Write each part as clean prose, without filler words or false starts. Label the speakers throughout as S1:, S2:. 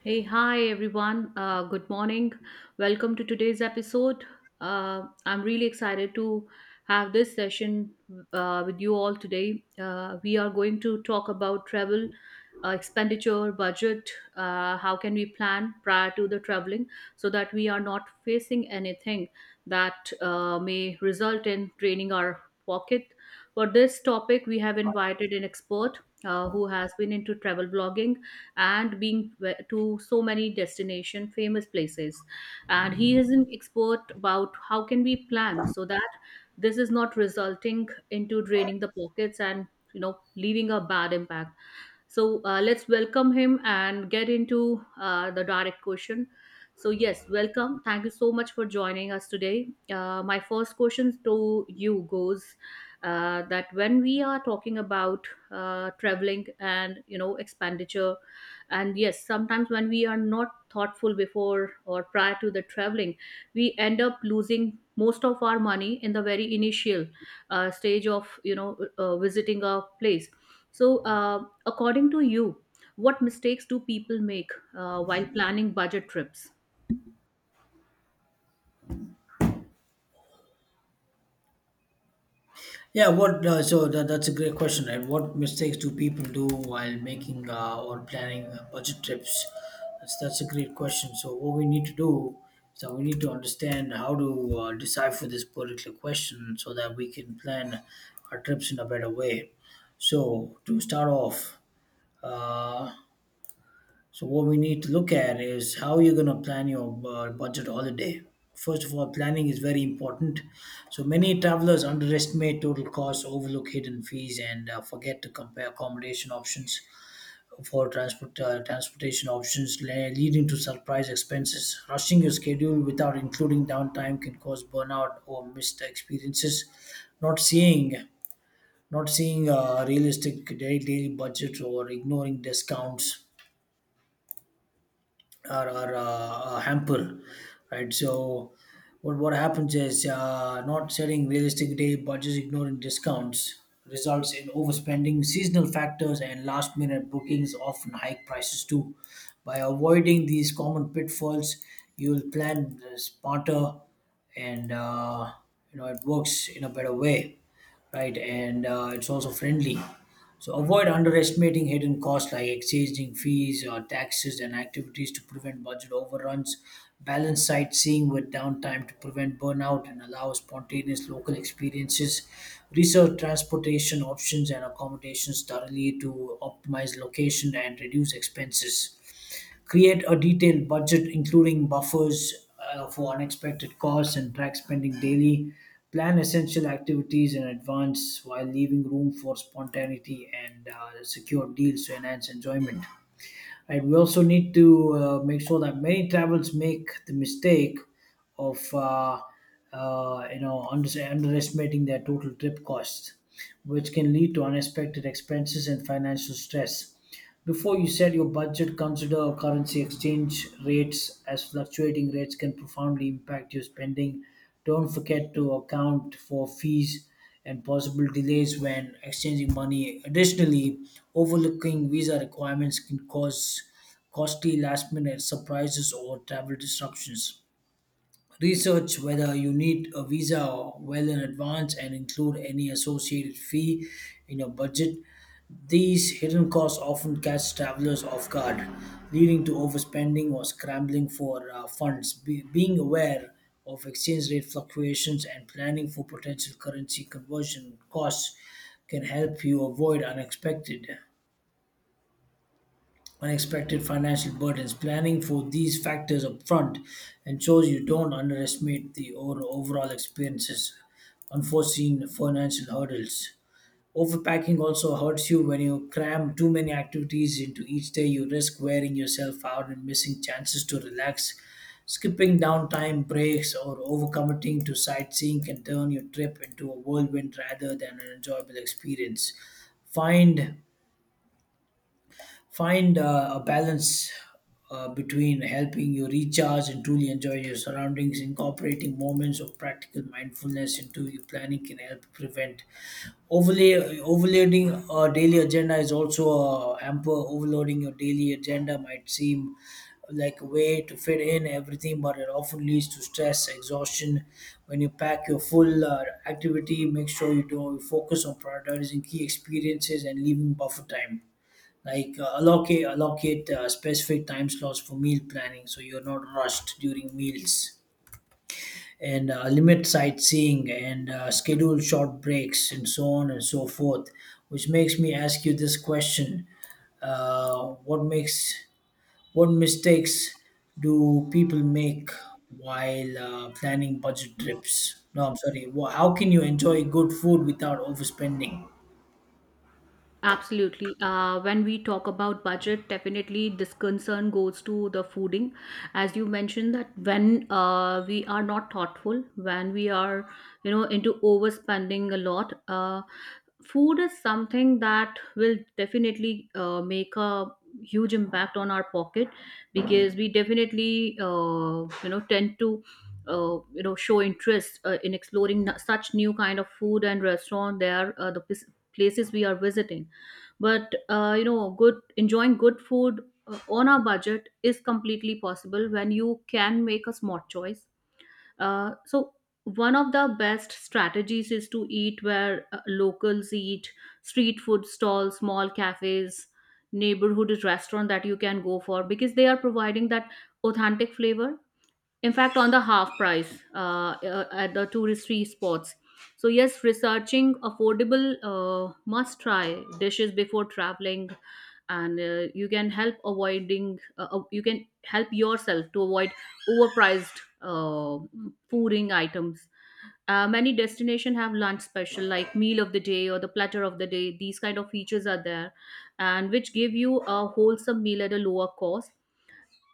S1: Hey, hi everyone. Good morning. Welcome to today's episode. I'm really excited to have this session with you all today. We are going to talk about travel, expenditure, budget, how can we plan prior to the traveling so that we are not facing anything that may result in draining our pocket. For this topic, we have invited an expert who has been into travel blogging and being to so many destination famous places, and he is an expert about how can we plan so that this is not resulting into draining the pockets and, you know, leaving a bad impact. So let's welcome him and get into the direct question. So, yes, welcome. Thank you so much for joining us today. My first question to you goes that when we are talking about traveling and, you know, expenditure, and yes, sometimes when we are not thoughtful before or prior to the traveling, we end up losing most of our money in the very initial stage of, visiting a place. So according to you, what mistakes do people make while planning budget trips?
S2: Yeah, what that's a great question, right? What mistakes do people do while making or planning budget trips? That's a great question. So what we need to do is that we need to understand how to decipher this particular question so that we can plan our trips in a better way. So to start off, uh, so what we need to look at is how you're going to plan your budget holiday. First of all, planning is very important. So many travelers underestimate total costs, overlook hidden fees, and forget to compare accommodation options for transportation options, leading to surprise expenses. Rushing your schedule without including downtime can cause burnout or missed experiences. Not seeing Not seeing realistic daily budgets or ignoring discounts or hamper, right? So what happens is not setting realistic day budgets, ignoring discounts results in overspending. Seasonal factors and last minute bookings often hike prices too. By avoiding these common pitfalls, you'll plan smarter, and you know it works in a better way, right? And it's also friendly. So avoid underestimating hidden costs like exchanging fees or taxes and activities to prevent budget overruns. Balance sightseeing with downtime to prevent burnout and allow spontaneous local experiences. Research transportation options and accommodations thoroughly to optimize location and reduce expenses. Create a detailed budget, including buffers for unexpected costs, and track spending daily. Plan essential activities in advance while leaving room for spontaneity and secure deals to enhance enjoyment, right? We also need to make sure that many travels make the mistake of you know underestimating their total trip costs, which can lead to unexpected expenses and financial stress. Before you set your budget, consider currency exchange rates, as fluctuating rates can profoundly impact your spending. Don't forget to account for fees and possible delays when exchanging money. Additionally, overlooking visa requirements can cause costly last minute surprises or travel disruptions. Research whether you need a visa well in advance and include any associated fee in your budget. These hidden costs often catch travelers off guard, leading to overspending or scrambling for funds. Being aware of exchange rate fluctuations and planning for potential currency conversion costs can help you avoid unexpected financial burdens. Planning for these factors upfront ensures you don't underestimate the or overall experiences, unforeseen financial hurdles. Overpacking also hurts you when you cram too many activities into each day. You risk wearing yourself out and missing chances to relax. Skipping downtime breaks or overcommitting to sightseeing can turn your trip into a whirlwind rather than an enjoyable experience. Find Find a balance between helping you recharge and truly enjoy your surroundings. Incorporating moments of practical mindfulness into your planning can help prevent overlay overloading. A daily agenda is also a hamper. Overloading your daily agenda might seem like a way to fit in everything, but it often leads to stress, exhaustion. When you pack your full activity, make sure you focus on prioritizing key experiences and leaving buffer time, like allocate specific time slots for meal planning so you're not rushed during meals and limit sightseeing and schedule short breaks and so on and so forth, which makes me ask you this question. uh, what makes what mistakes do people make while planning budget trips? No, I'm sorry. How can you enjoy good food without overspending?
S1: Absolutely. When we talk about budget, definitely this concern goes to the fooding. As you mentioned, that when we are not thoughtful, when we are, you know, into overspending a lot, food is something that will definitely make a huge impact on our pocket because we definitely, you know, tend to. You know, show interest in exploring such new kind of food and restaurant. There, the places we are visiting, but you know, good enjoying good food on a budget is completely possible when you can make a smart choice. So one of the best strategies is to eat where locals eat: street food stalls, small cafes, neighborhood restaurant that you can go for, because they are providing that authentic flavor, in fact on the half price, at the touristy spots. So yes, researching affordable must try dishes before traveling, and you can help avoiding you can help yourself to avoid overpriced fooding items. Many destinations have lunch special, like meal of the day or the platter of the day. These kind of features are there, and which give you a wholesome meal at a lower cost.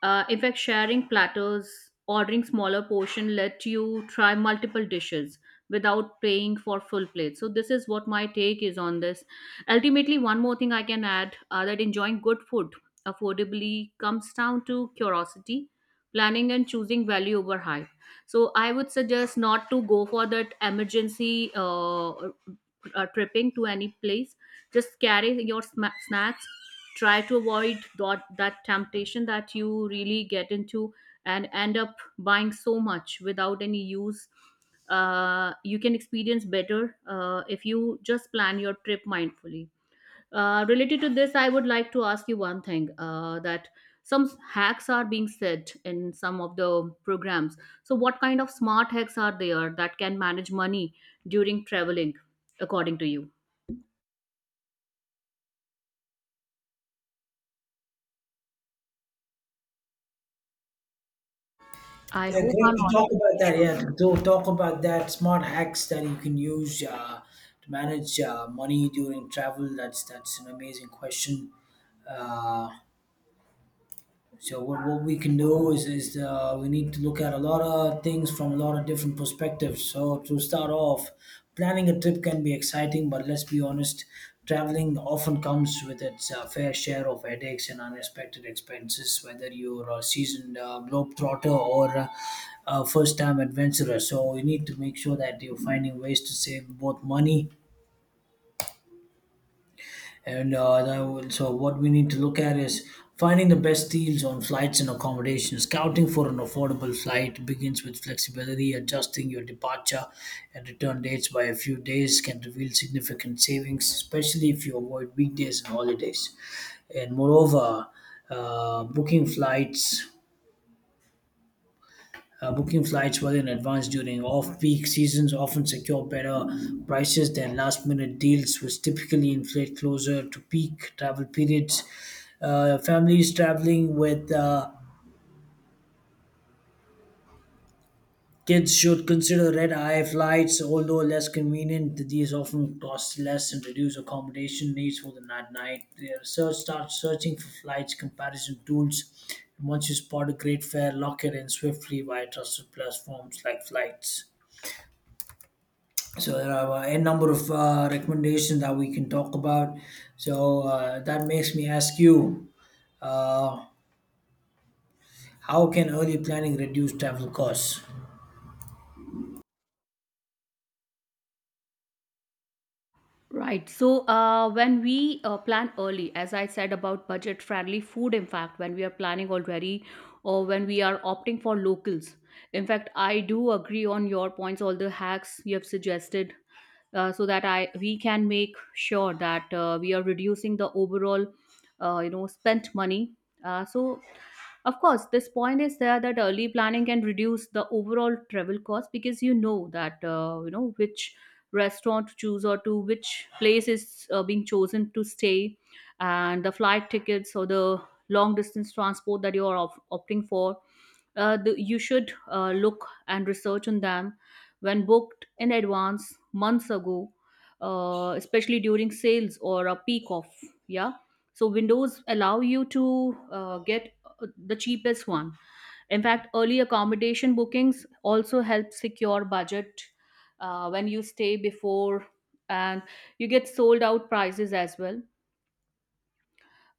S1: In fact, sharing platters, ordering smaller portion let you try multiple dishes without paying for full plate. So this is what my take is on this. Ultimately, one more thing I can add that enjoying good food affordably comes down to curiosity, planning, and choosing value over hype. So I would suggest not to go for that emergency tripping to any place. Just carry your snacks, try to avoid that temptation that you really get into and end up buying so much without any use. You can experience better if you just plan your trip mindfully. Related to this, I would like to ask you one thing, that some hacks are being said in some of the programs. So what kind of smart hacks are there that can manage money during traveling, according to you? I
S2: Yeah,
S1: hope
S2: great
S1: I'm
S2: to talk
S1: audible.
S2: about that.
S1: Sure.
S2: Yeah, to talk about that smart hacks that you can use to manage money during travel. That's an amazing question. Uh, so what we can do is we need to look at a lot of things from a lot of different perspectives. So to start off, planning a trip can be exciting, but let's be honest, traveling often comes with its fair share of headaches and unexpected expenses. Whether you're a seasoned globetrotter or a first-time adventurer, so you need to make sure that you're finding ways to save both money and so, what we need to look at is finding the best deals on flights and accommodation. Scouting for an affordable flight begins with flexibility. Adjusting your departure and return dates by a few days can reveal significant savings, especially if you avoid weekdays and holidays. And moreover, uh, booking flights booking flights well in advance during off peak seasons often secure better prices than last minute deals, which typically inflate closer to peak travel periods. Families traveling with kids should consider red eye flights, although less convenient. These often cost less and reduce accommodation needs for the night. The research starts searching for flights comparison tools. And once you spot a great fare, lock it in swiftly via trusted platforms like flights. So there are a number of recommendations that we can talk about. So that makes me ask you, uh, how can early planning reduce travel costs?
S1: Right. So when we plan early, as I said about budget friendly food, in fact, when we are planning already or when we are opting for locals, in fact, I do agree on your points, all the hacks you have suggested. So that I we can make sure that we are reducing the overall, you know, spent money. So of course, this point is there that early planning can reduce the overall travel cost, because you know that you know which restaurant to choose or to which place is being chosen to stay, and the flight tickets or the long distance transport that you are opting for. You should look and research on them when booked in advance months ago, especially during sales or a peak off. Yeah. So windows allow you to get the cheapest one. In fact, early accommodation bookings also help secure budget when you stay before, and you get sold out prices as well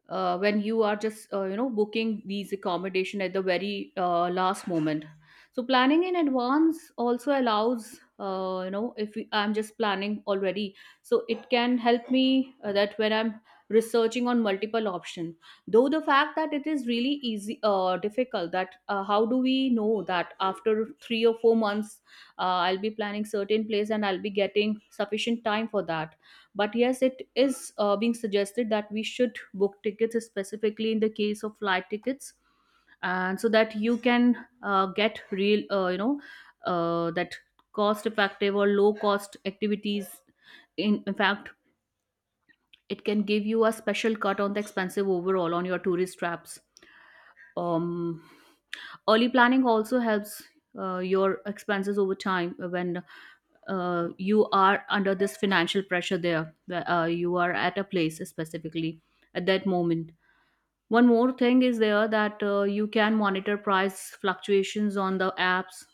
S1: when you are just, booking these accommodation at the very last moment. So planning in advance also allows, if I'm just planning already, so it can help me that when I'm researching on multiple option, though the fact that it is really easy difficult that how do we know that after 3 or 4 months I'll be planning certain place and I'll be getting sufficient time for that. But yes, it is being suggested that we should book tickets specifically in the case of flight tickets, and so that you can get real, that cost effective or low cost activities. In fact, it can give you a special cut on the expensive overall on your tourist traps. um Early planning also helps your expenses over time when you are under this financial pressure there, where, you are at a place specifically at that moment. One more thing is there that you can monitor price fluctuations on the apps.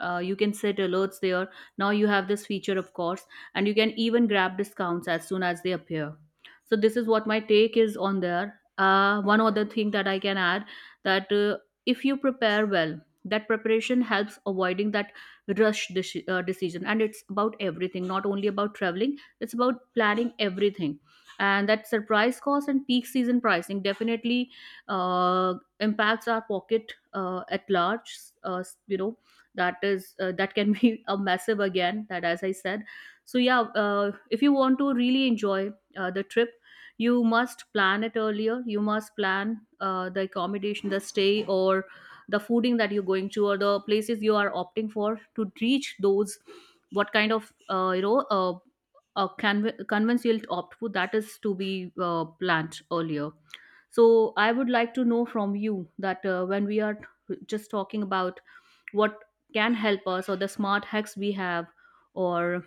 S1: You can set alerts there. Now you have this feature, of course, and you can even grab discounts as soon as they appear. So this is what my take is on there. One other thing that I can add that if you prepare well, that preparation helps avoiding that decision, and it's about everything, not only about traveling. It's about planning everything, and that surprise cost and peak season pricing definitely uh, impacts our pocket at large. uh, you know that is that can be a massive again, that as I said. So yeah, if you want to really enjoy the trip, you must plan it earlier. You must plan the accommodation, the stay, or the fooding that you're going to, or the places you are opting for to reach those. What kind of, conventional opt for, that is to be planned earlier. So I would like to know from you that when we are just talking about what can help us, or the smart hacks we have, or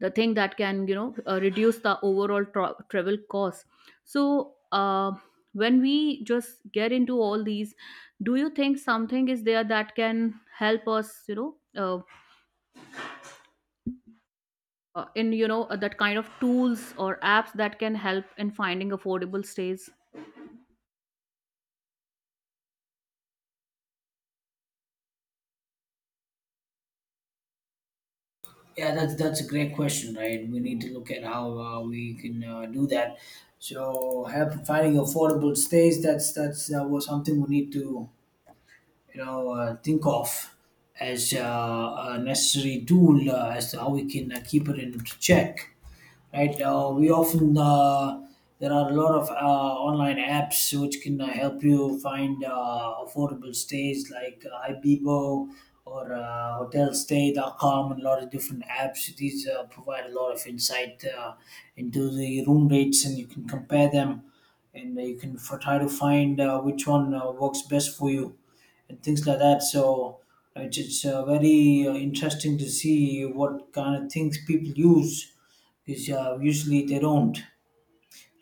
S1: the thing that can, you know, reduce the overall travel cost. So when we just get into all these, do you think something is there that can help us, in, that kind of tools or apps that can help in finding affordable stays
S2: Yeah, that's a great question, right? We need to look at how we can do that. So help finding affordable stays. That was something we need to, you know, think of as a necessary tool as to how we can keep it in check, right? We often There are a lot of online apps which can help you find affordable stays, like Ibibo or hotelstay.com, and a lot of different apps. These provide a lot of insight into the room rates, and you can compare them and you can try to find which one works best for you and things like that. So it's very interesting to see what kind of things people use, because usually they don't,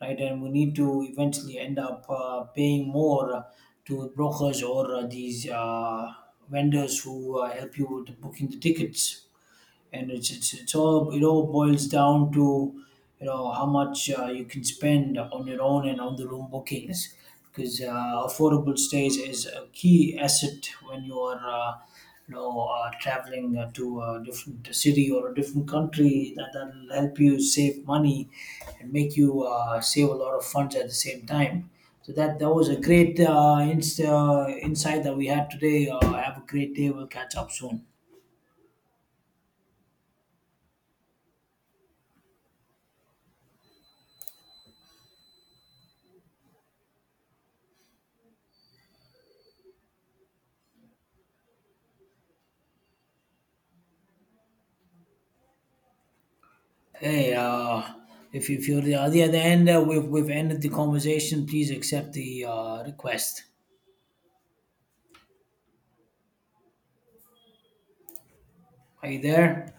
S2: right? And we need to eventually end up paying more to brokers or these vendors who help you with booking the tickets, and it all boils down to, you know, how much you can spend on your own and on the room bookings, because affordable stays is a key asset when you are you know traveling to a different city or a different country. That that'll help you save money and make you save a lot of funds at the same time. So that was a great insight that we had today. Have a great day. We'll catch up soon. Hey, if you're the, at the other end, we've ended the conversation. Please accept the request. Are you there?